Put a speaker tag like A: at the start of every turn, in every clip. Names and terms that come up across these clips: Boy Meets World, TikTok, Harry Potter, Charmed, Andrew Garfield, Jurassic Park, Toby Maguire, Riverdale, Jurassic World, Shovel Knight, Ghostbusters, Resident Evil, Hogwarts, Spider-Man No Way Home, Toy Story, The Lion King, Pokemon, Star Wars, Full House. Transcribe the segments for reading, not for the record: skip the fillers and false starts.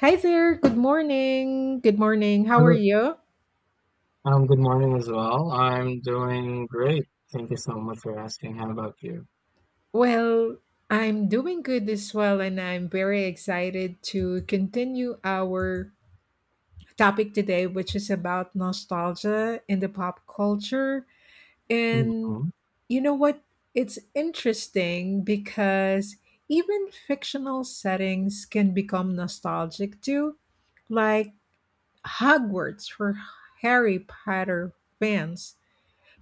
A: Hi there. Good morning. Good morning. How are
B: Hello.
A: you?
B: Good morning as well. I'm doing great. Thank you so much for asking. How about you?
A: Well, I'm doing good as well, and I'm very excited to continue our topic today, which is about nostalgia in the pop culture. And
B: hmm
A: you know what? It's interesting because even fictional settings can become nostalgic too, like Hogwarts for Harry Potter fans.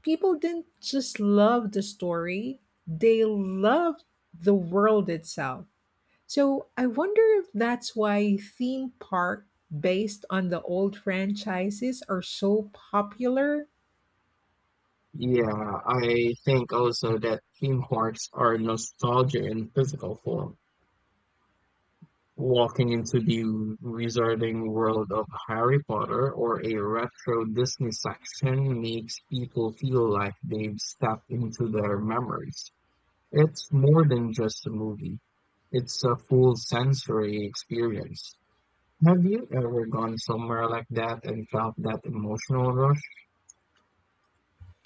A: People didn't just love the story, they loved the world itself. So I wonder if that's why theme park based on the old franchises are so popular.
B: Yeah, I think also that theme parks are nostalgia in physical form. Walking into the wizarding world of Harry Potter or a retro Disney section makes people feel like they've stepped into their memories. It's more than just a movie. It's a full sensory experience. Have you ever gone somewhere like that and felt that emotional rush?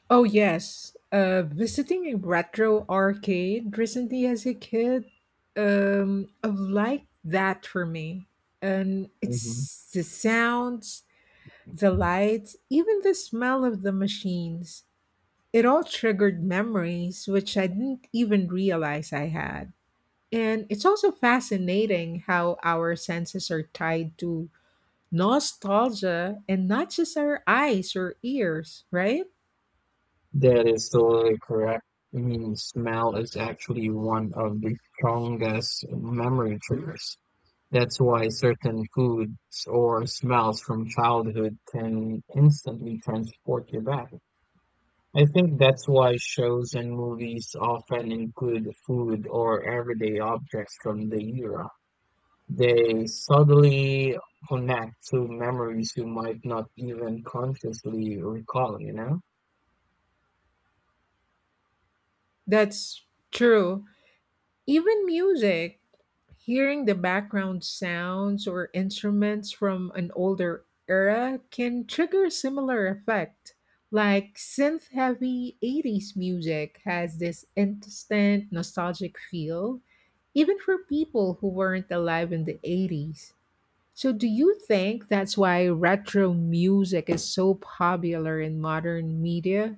A: Oh yes, visiting a retro arcade recently as a kid, like that for me, and
B: Mhm.
A: it's the sounds, the lights, even the smell of the machines. It all triggered memories which I didn't even realize I had. And it's also fascinating how our senses are tied to nostalgia and not just our eyes or ears, right?
B: That is totally correct. I mean, smell is actually one of the strongest memory triggers. That's why certain foods or smells from childhood can instantly transport you back. I think that's why shows and movies often include food or everyday objects from the era. They subtly connect to memories you might not even consciously recall, you know?
A: That's true. Even music, hearing the background sounds or instruments from an older era can trigger a similar effect. Like synth heavy 80s music has this instant nostalgic feel, even for people who weren't alive in the 80s. So, do you think that's why retro music is so popular in modern media?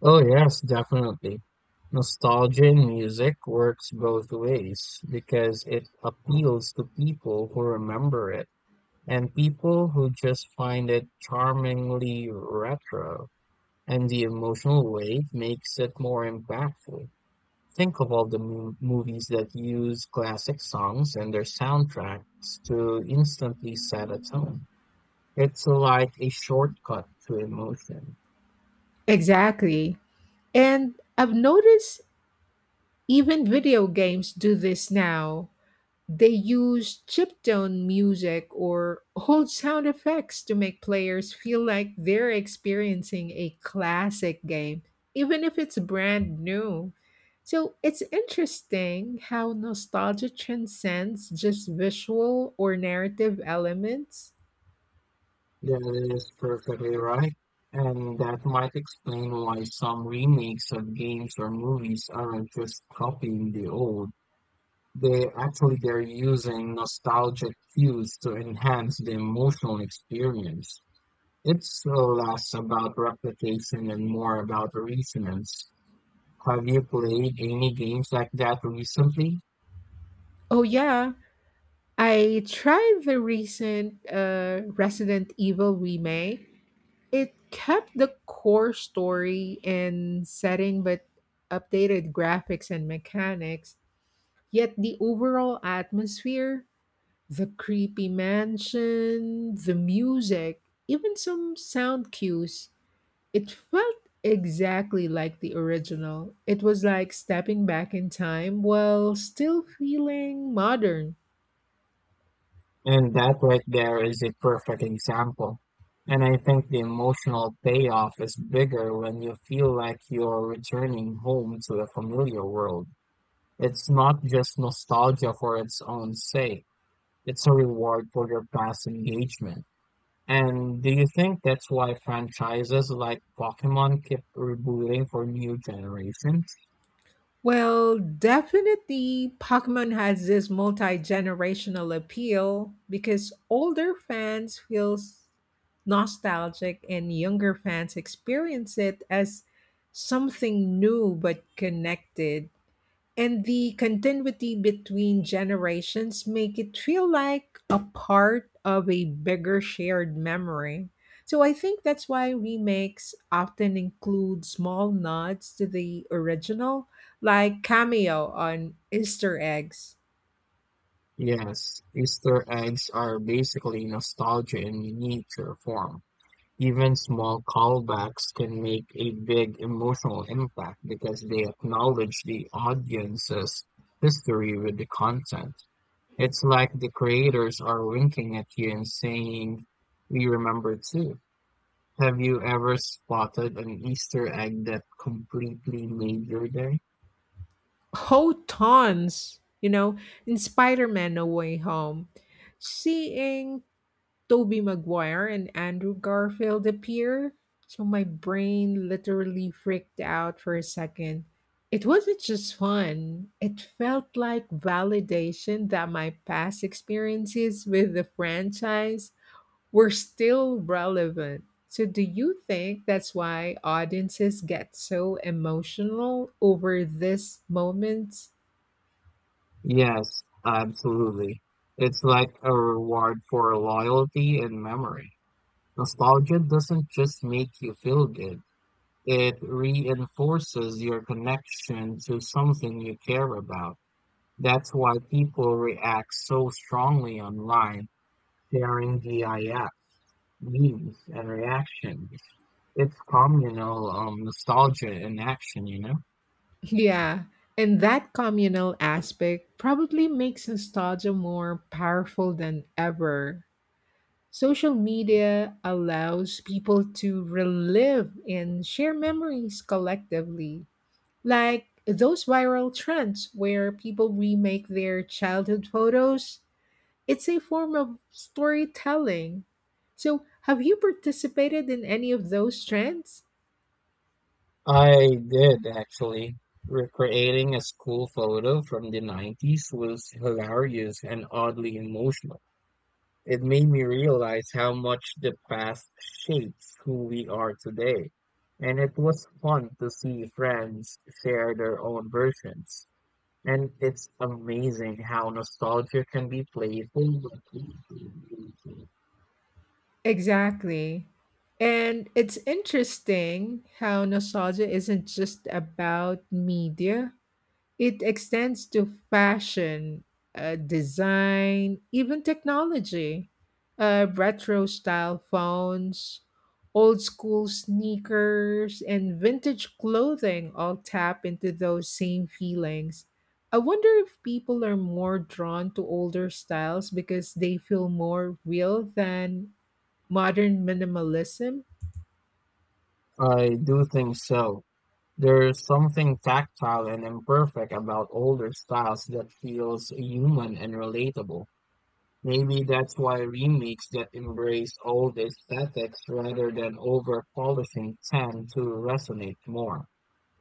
B: Oh, yes, definitely. Nostalgia in music works both ways because it appeals to people who remember it and people who just find it charmingly retro, and the emotional weight makes it more impactful. Think of all the movies that use classic songs and their soundtracks to instantly set a tone. It's like a shortcut to emotion.
A: Exactly. And I've noticed even video games do this now. They use chiptune music or old sound effects to make players feel like they're experiencing a classic game, even if it's brand new. So it's interesting how nostalgia transcends just visual or narrative elements.
B: That is perfectly right. And that might explain why some remakes of games or movies aren't just copying the old. They're using nostalgic cues to enhance the emotional experience. It's less about replication and more about resonance. Have you played any games like that recently?
A: Oh, yeah, I tried the recent Resident Evil remake. It kept the core story and setting but updated graphics and mechanics. Yet the overall atmosphere, the creepy mansion, the music, even some sound cues, it felt exactly like the original. It was like stepping back in time while still feeling modern.
B: And that right there is a perfect example. And I think the emotional payoff is bigger when you feel like you're returning home to the familiar world. It's not just nostalgia for its own sake, it's a reward for your past engagement. And do you think that's why franchises like Pokemon keep rebooting for new generations?
A: Well, definitely, Pokemon has this multi generational appeal because older fans feel nostalgic and younger fans experience it as something new but connected, and the continuity between generations make it feel like a part of a bigger shared memory. So I think that's why remakes often include small nods to the original, like cameo on easter eggs.
B: Yes, Easter eggs are basically nostalgia in miniature form. Even small callbacks can make a big emotional impact because they acknowledge the audience's history with the content. It's like the creators are winking at you and saying, "We remember too." Have you ever spotted an Easter egg that completely made your day?
A: Oh tons, you know, in Spider-Man No Way Home, seeing Toby Maguire and Andrew Garfield appear. So my brain literally freaked out for a second. It wasn't just fun. It felt like validation that my past experiences with the franchise were still relevant. So do you think that's why audiences get so emotional over this moment?
B: Yes, absolutely. It's like a reward for loyalty and memory. Nostalgia doesn't just make you feel good, it reinforces your connection to something you care about. That's why people react so strongly online, sharing GIFs, memes, and reactions. It's communal nostalgia in action.
A: Yeah, and that communal aspect probably makes nostalgia more powerful than ever. Social media allows people to relive and share memories collectively, like those viral trends where people remake their childhood photos. It's a form of storytelling. So, have you participated in any of those trends?
B: I did actually. Recreating a school photo from the 90s was hilarious and oddly emotional. It made me realize how much the past shapes who we are today. And it was fun to see friends share their own versions. And it's amazing how nostalgia can be playful.
A: Exactly. And it's interesting how nostalgia isn't just about media, it extends to fashion, design, even technology. Retro style phones, old school sneakers, and vintage clothing all tap into those same feelings. I wonder if people are more drawn to older styles because they feel more real than modern minimalism?
B: I do think so. There's something tactile and imperfect about older styles that feels human and relatable. Maybe that's why remakes that embrace old aesthetics rather than over polishing tend to resonate more,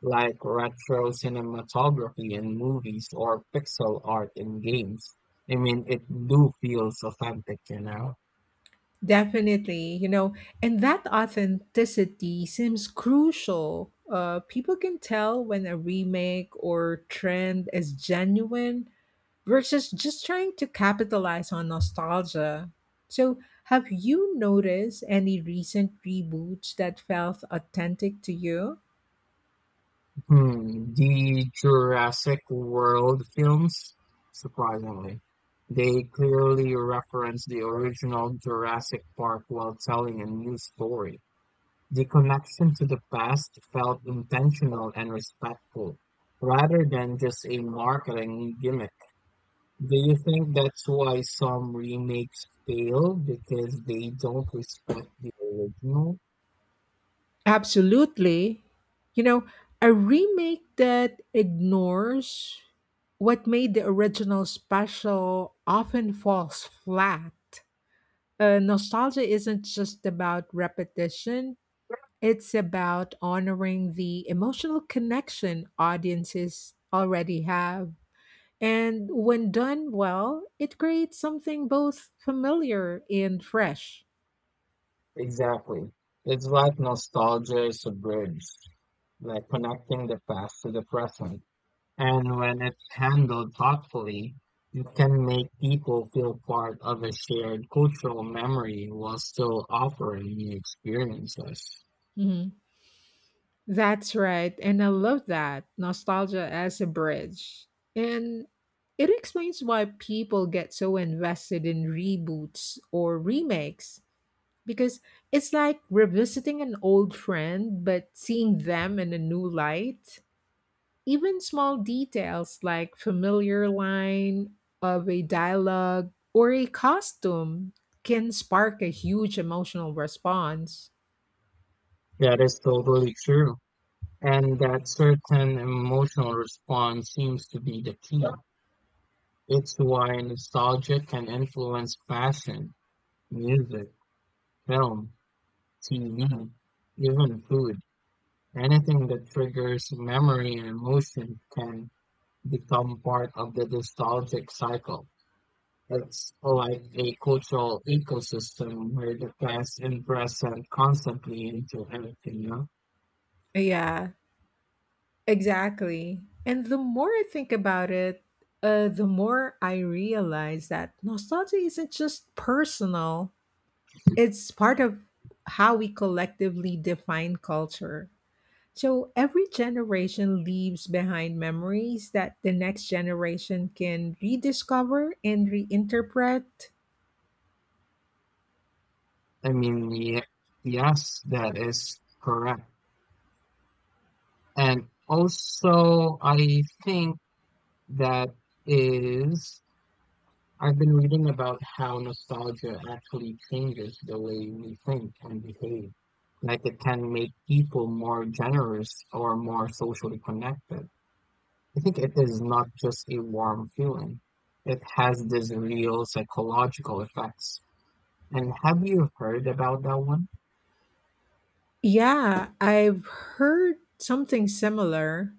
B: like retro cinematography in movies or pixel art in games. I mean, it do feels authentic.
A: Definitely, you know, and that authenticity seems crucial. People can tell when a remake or trend is genuine versus just trying to capitalize on nostalgia. So, have you noticed any recent reboots that felt authentic to you?
B: Hmm, the Jurassic World films, surprisingly, they clearly reference the original Jurassic Park while telling a new story. The connection to the past felt intentional and respectful, rather than just a marketing gimmick. Do you think that's why some remakes fail because they don't respect the original?
A: Absolutely. You know, a remake that ignores what made the original special often falls flat. Nostalgia isn't just about repetition, it's about honoring the emotional connection audiences already have. And when done well, it creates something both familiar and fresh.
B: Exactly. It's like nostalgia is submerged, like connecting the past to the present. And when it's handled thoughtfully, it can make people feel part of a shared cultural memory while still offering new experiences.
A: Mm-hmm. That's right, and I love that nostalgia as a bridge. And it explains why people get so invested in reboots or remakes because it's like revisiting an old friend but seeing them in a new light. Even small details like familiar line of a dialogue or a costume can spark a huge emotional response.
B: That is totally true. And that certain emotional response seems to be the key. It's why nostalgia can influence fashion, music, film, TV, even food. Anything that triggers memory and emotion can become part of the nostalgic cycle. It's like a cultural ecosystem where the past and present constantly into everything.
A: Yeah, exactly. And the more I think about it, the more I realize that nostalgia isn't just personal, it's part of how we collectively define culture. So every generation leaves behind memories that the next generation can rediscover and reinterpret.
B: I mean, yes, that is correct. And also, I think that is, I've been reading about how nostalgia actually changes the way we think and behave. Like it can make people more generous or more socially connected. I think it is not just a warm feeling. It has this real psychological effects. And have you heard about that one?
A: Yeah, I've heard something similar.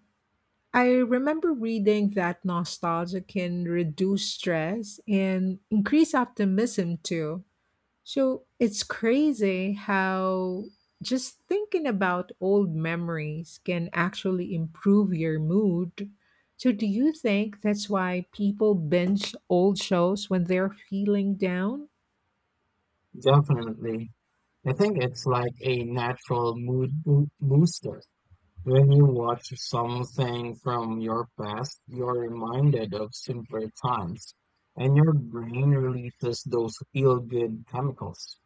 A: I remember reading that nostalgia can reduce stress and increase optimism too. So it's crazy how just thinking about old memories can actually improve your mood. So, do you think that's why people binge old shows when they're feeling down?
B: Definitely. I think it's like a natural mood booster. When you watch something from your past, you're reminded of simpler times, and your brain releases those feel-good chemicals.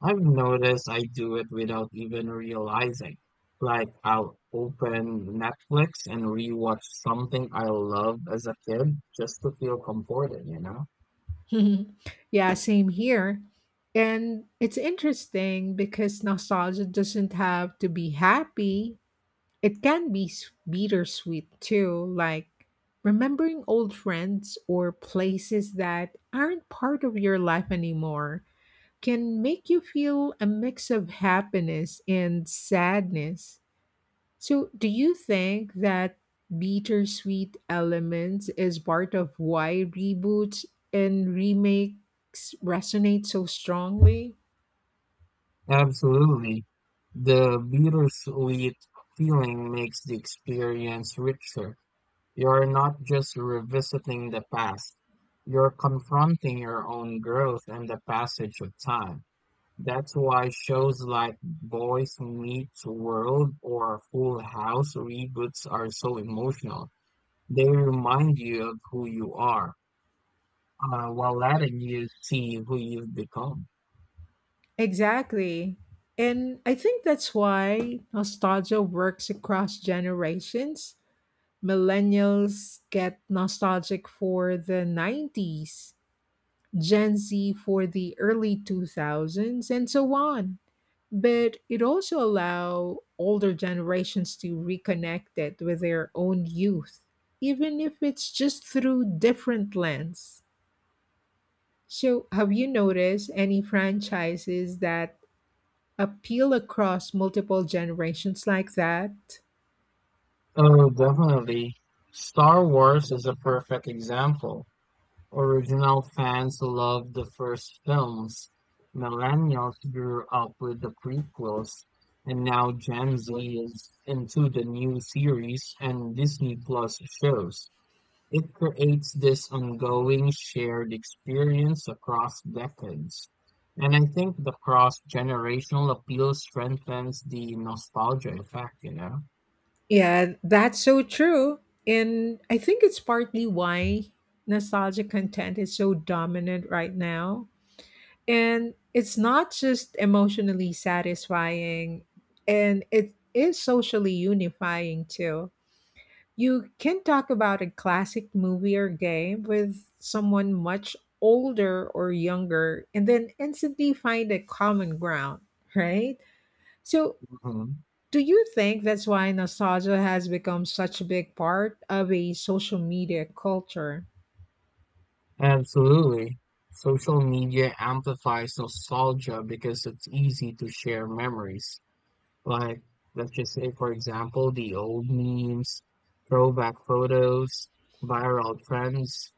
B: I've noticed I do it without even realizing. Like I'll open Netflix and rewatch something I loved as a kid just to feel comforted.
A: Yeah, same here. And it's interesting because nostalgia doesn't have to be happy. It can be bittersweet too, like remembering old friends or places that aren't part of your life anymore can make you feel a mix of happiness and sadness. So, do you think that bittersweet elements is part of why reboots and remakes resonate so strongly?
B: Absolutely. The bittersweet feeling makes the experience richer. You're not just revisiting the past, you're confronting your own growth and the passage of time. That's why shows like Boys Meets World or Full House reboots are so emotional. They remind you of who you are, while letting you see who you've become.
A: Exactly. And I think that's why nostalgia works across generations. Millennials get nostalgic for the 90s, Gen Z for the early 2000s, and so on. But it also allow older generations to reconnect it with their own youth, even if it's just through different lens. So, have you noticed any franchises that appeal across multiple generations like that?
B: Oh, definitely. Star Wars is a perfect example. Original fans loved the first films, millennials grew up with the prequels, and now Gen Z is into the new series and Disney Plus shows. It creates this ongoing shared experience across decades. And I think the cross-generational appeal strengthens the nostalgia effect.
A: Yeah, that's so true. And I think it's partly why nostalgic content is so dominant right now. And it's not just emotionally satisfying, and it is socially unifying too. You can talk about a classic movie or game with someone much older or younger and then instantly find a common ground, right? So,
B: Mhm.
A: do you think that's why nostalgia has become such a big part of a social media culture?
B: Absolutely. Social media amplifies nostalgia because it's easy to share memories. Like, let's just say, for example, the old memes, throwback photos, viral trends,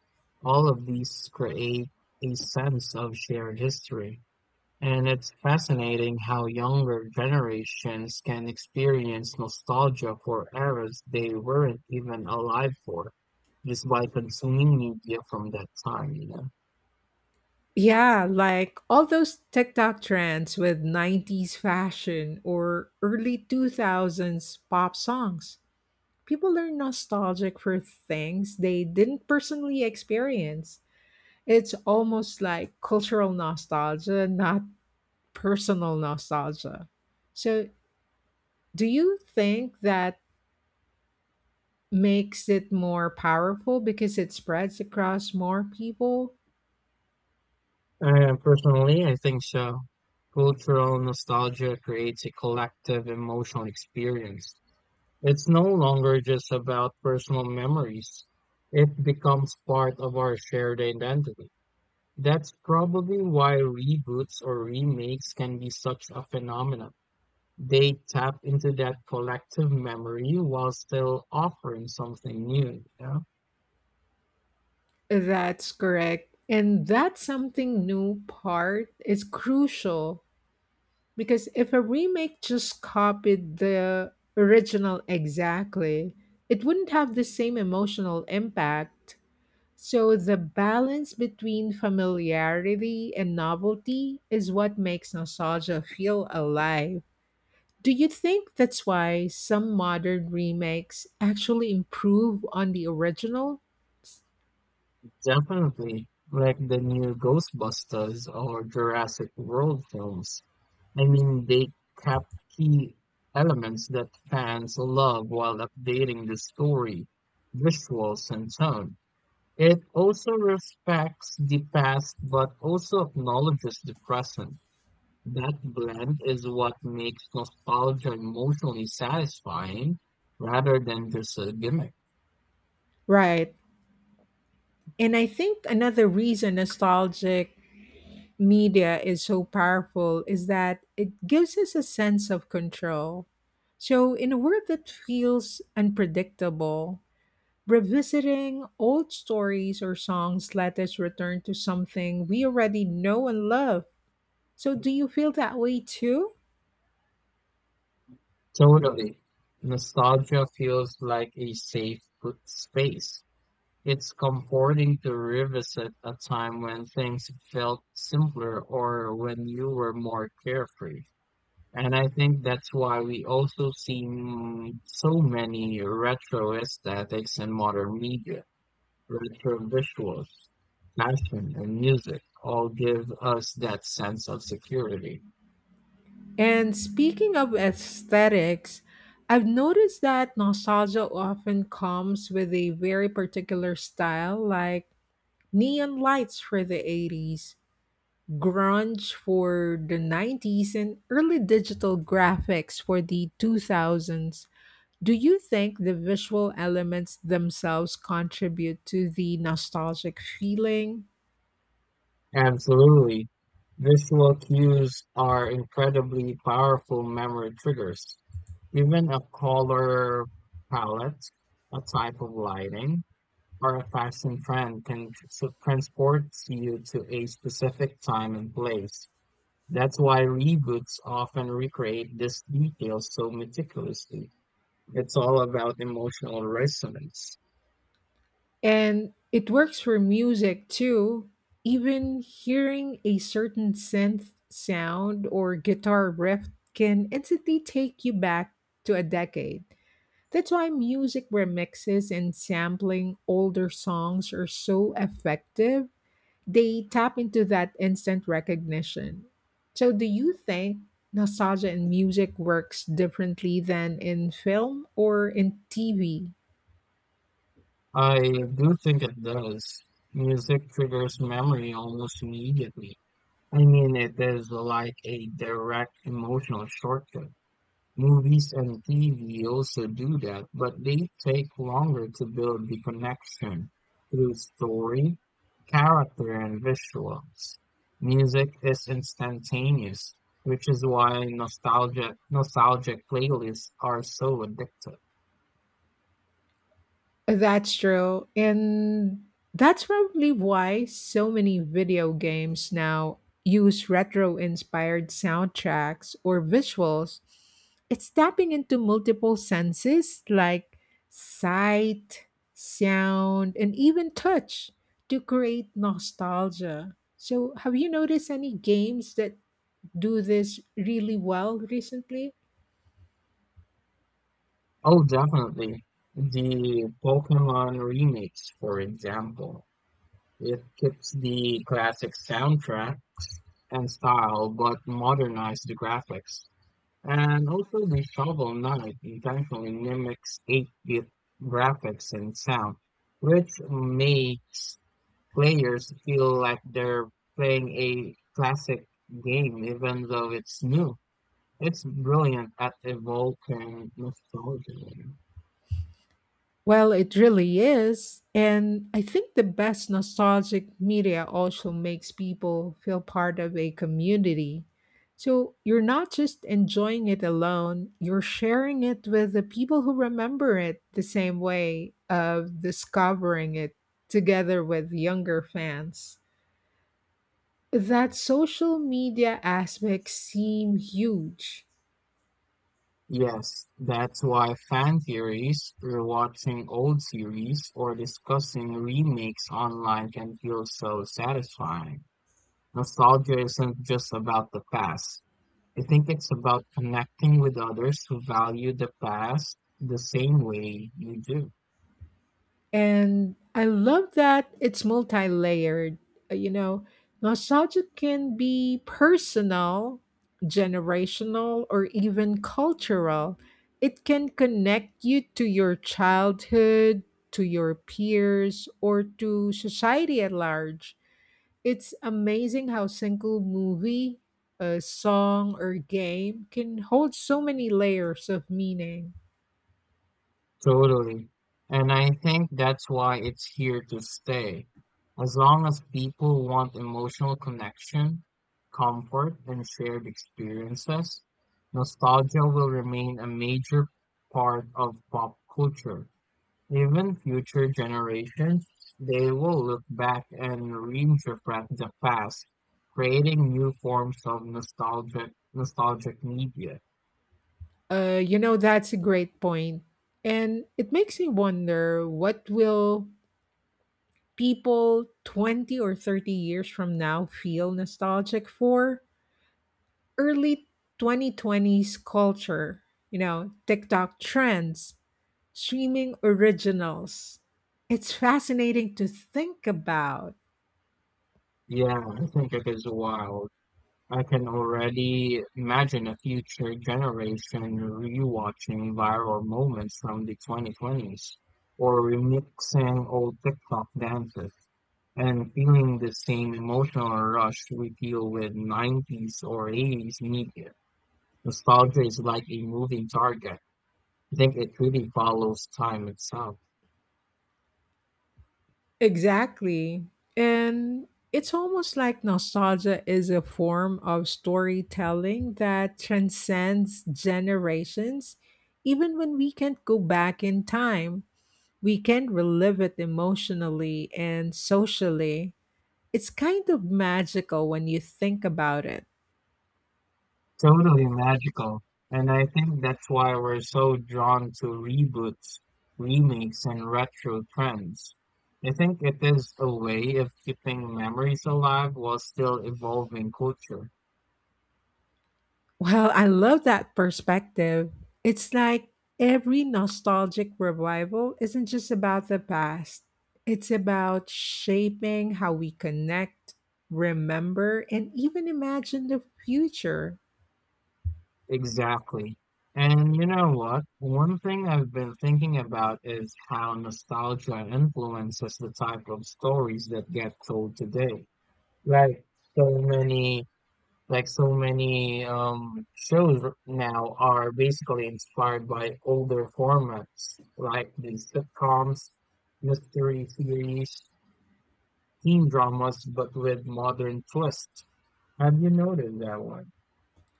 B: all of these create a sense of shared history. And it's fascinating how younger generations can experience nostalgia for eras they weren't even alive for just by consuming media from that time.
A: Yeah, like all those TikTok trends with 90s fashion or early 2000s pop songs. People are nostalgic for things they didn't personally experience. It's almost like cultural nostalgia, not personal nostalgia. So, do you think that makes it more powerful because it spreads across more people?
B: Personally, I think so. Cultural nostalgia creates a collective emotional experience. It's no longer just about personal memories. It becomes part of our shared identity. That's probably why reboots or remakes can be such a phenomenon. They tap into that collective memory while still offering something new.
A: That's correct. And that something new part is crucial because if a remake just copied the original exactly, it wouldn't have the same emotional impact. So the balance between familiarity and novelty is what makes nostalgia feel alive. Do you think that's why some modern remakes actually improve on the original?
B: Definitely, like the new Ghostbusters or Jurassic World films. I mean, they kept key elements that fans love while updating the story, visuals, and tone. It also respects the past but also acknowledges the present. That blend is what makes nostalgia emotionally satisfying rather than just a gimmick.
A: Right. And I think another reason nostalgic media is so powerful is that it gives us a sense of control. So, in a world that feels unpredictable, revisiting old stories or songs let us return to something we already know and love. So, do you feel that way too?
B: Totally. Nostalgia feels like a safe space. It's comforting to revisit a time when things felt simpler or when you were more carefree. And I think that's why we also see so many retro aesthetics in modern media, retro visuals, fashion, and music all give us that sense of security.
A: And speaking of aesthetics, I've noticed that nostalgia often comes with a very particular style, like neon lights for the 80s, grunge for the 90s, and early digital graphics for the 2000s. Do you think the visual elements themselves contribute to the nostalgic feeling?
B: Absolutely. Visual cues are incredibly powerful memory triggers. Even a color palette, a type of lighting, or a fashion trend can transport you to a specific time and place. That's why reboots often recreate these details so meticulously. It's all about emotional resonance.
A: And it works for music too. Even hearing a certain synth sound or guitar riff can instantly take you back to a decade. That's why music remixes and sampling older songs are so effective. They tap into that instant recognition. So, do you think nostalgia in music works differently than in film or in TV?
B: I do think it does. Music triggers memory almost immediately. I mean, it is like a direct emotional shortcut. Movies and TV also do that, but they take longer to build the connection through story, character, and visuals. Music is instantaneous, which is why nostalgic playlists are so addictive.
A: That's true. And that's probably why so many video games now use retro inspired soundtracks or visuals. It's tapping into multiple senses like sight, sound, and even touch to create nostalgia. So, have you noticed any games that do this really well recently?
B: Oh, definitely. The Pokemon remakes, for example, it keeps the classic soundtrack and style but modernized the graphics. And also the Shovel Knight intentionally mimics 8-bit graphics and sound, which makes players feel like they're playing a classic game even though it's new. It's brilliant at evoking nostalgia.
A: Well, it really is. And I think the best nostalgic media also makes people feel part of a community. So you're not just enjoying it alone, you're sharing it with the people who remember it the same way of discovering it together with younger fans. That social media aspect seem huge.
B: Yes, that's why fan theories, rewatching old series, or discussing remakes online can feel so satisfying. Nostalgia isn't just about the past. I think it's about connecting with others who value the past the same way you do.
A: And I love that it's multi layered. You know, nostalgia can be personal, generational, or even cultural. It can connect you to your childhood, to your peers, or to society at large. It's amazing how single movie, a song, or game can hold so many layers of meaning.
B: Totally. And I think that's why it's here to stay. As long as people want emotional connection, comfort, and shared experiences, nostalgia will remain a major part of pop culture. Even future generations, they will look back and reinterpret the past, creating new forms of nostalgic media.
A: That's a great point. And it makes me wonder what will people 20 or 30 years from now feel nostalgic for? Early 2020s culture, you know, TikTok trends, streaming originals. It's fascinating to think about.
B: Yeah, I think it is wild. I can already imagine a future generation rewatching viral moments from the 2020s or remixing old TikTok dances and feeling the same emotional rush we feel with 90s or 80s media. Nostalgia is like a moving target. I think it really follows time itself.
A: Exactly. And it's almost like nostalgia is a form of storytelling that transcends generations. Even when we can't go back in time, we can relive it emotionally and socially. It's kind of magical when you think about it.
B: Totally magical. And I think that's why we're so drawn to reboots, remakes, and retro trends. I think it is a way of keeping memories alive while still evolving culture.
A: Well, I love that perspective. It's like every nostalgic revival isn't just about the past, it's about shaping how we connect, remember, and even imagine the future.
B: Exactly. And you know what? One thing I've been thinking about is how nostalgia influences the type of stories that get told today. Like so many, like so many now are basically inspired by older formats, like the sitcoms, mystery series, teen dramas, but with modern twists. Have you noticed that one?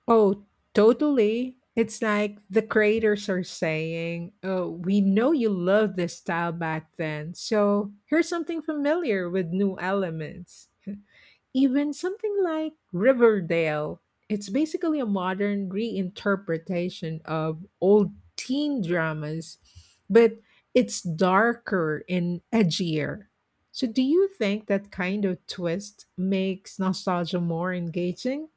A: Oh, totally. It's like the creators are saying, "Oh, we know you loved this style back then, so here's something familiar with new elements." Even something like Riverdale, it's basically a modern reinterpretation of old teen dramas, but it's darker and edgier. So, do you think that kind of twist makes nostalgia more engaging?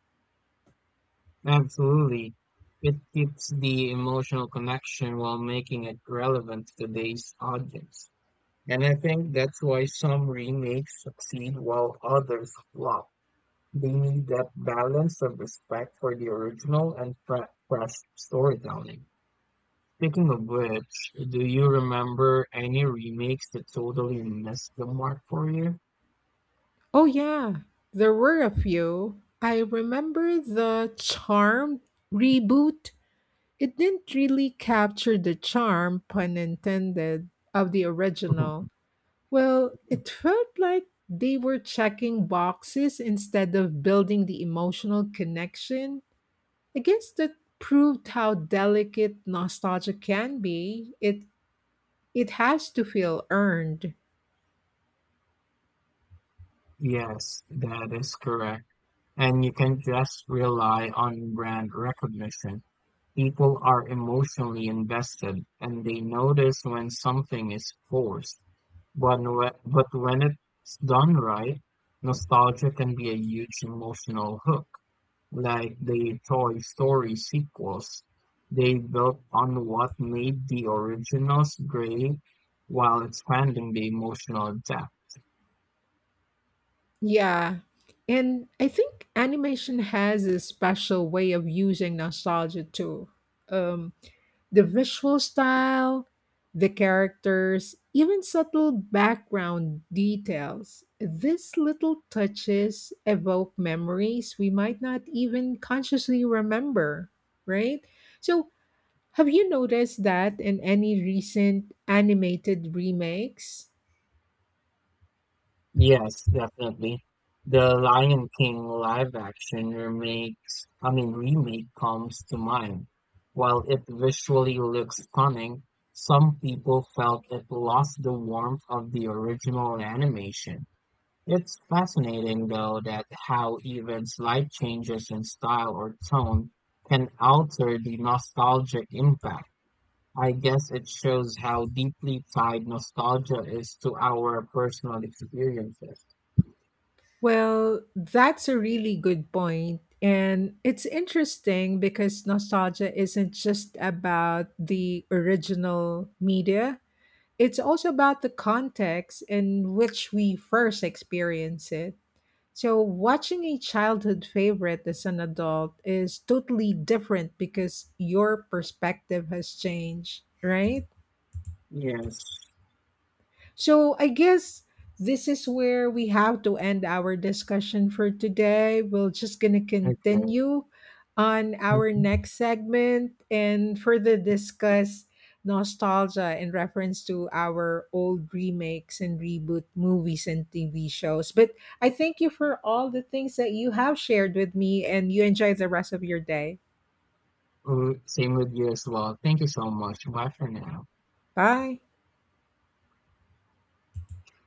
B: Absolutely. It keeps the emotional connection while making it relevant to today's audience. And I think that's why some remakes succeed while others flop. Gaining that balance of respect for the original and fresh storytelling. Speaking of which, do you remember any remakes that totally missed the mark for you?
A: Oh, yeah, there were a few. I remember the Charmed reboot. It didn't really capture the charm, pun intended, of the original. Well, it felt like they were checking boxes instead of building the emotional connection. I guess that proved how delicate nostalgia can be. It has to feel earned.
B: Yes, that is correct. And you can just rely on brand recognition. People are emotionally invested and they notice when something is forced. But, but when it's done right, nostalgia can be a huge emotional hook. Like the Toy Story sequels, they built on what made the originals great while expanding the emotional depth.
A: Yeah. And I think animation has a special way of using nostalgia too. Um The visual style, the characters, even subtle background details. These little touches evoke memories we might not even consciously remember, right? So, have you noticed that in any recent animated remakes?
B: Yes, definitely. The Lion King live action remakes, I mean remake comes to mind. While it visually looks stunning, some people felt it lost the warmth of the original animation. It's fascinating, though, that how even slight changes in style or tone can alter the nostalgic impact. I guess it shows how deeply tied nostalgia is to our personal experiences.
A: Well, that's a really good point. And it's interesting because nostalgia isn't just about the original media, it's also about the context in which we first experience it. So, watching a childhood favorite as an adult is totally different because your perspective has changed, right?
B: Yes.
A: So I guess this is where we have to end our discussion for today. We're just going to
B: Okay.
A: continue on our
B: Mhm.
A: next segment and further discuss nostalgia in reference to our old remakes and reboot movies and TV shows. But I thank you for all the things that you have shared with me and you enjoy the rest of your day.
B: Mm, same with you as well. Thank you so much. Bye for now.
A: Bye.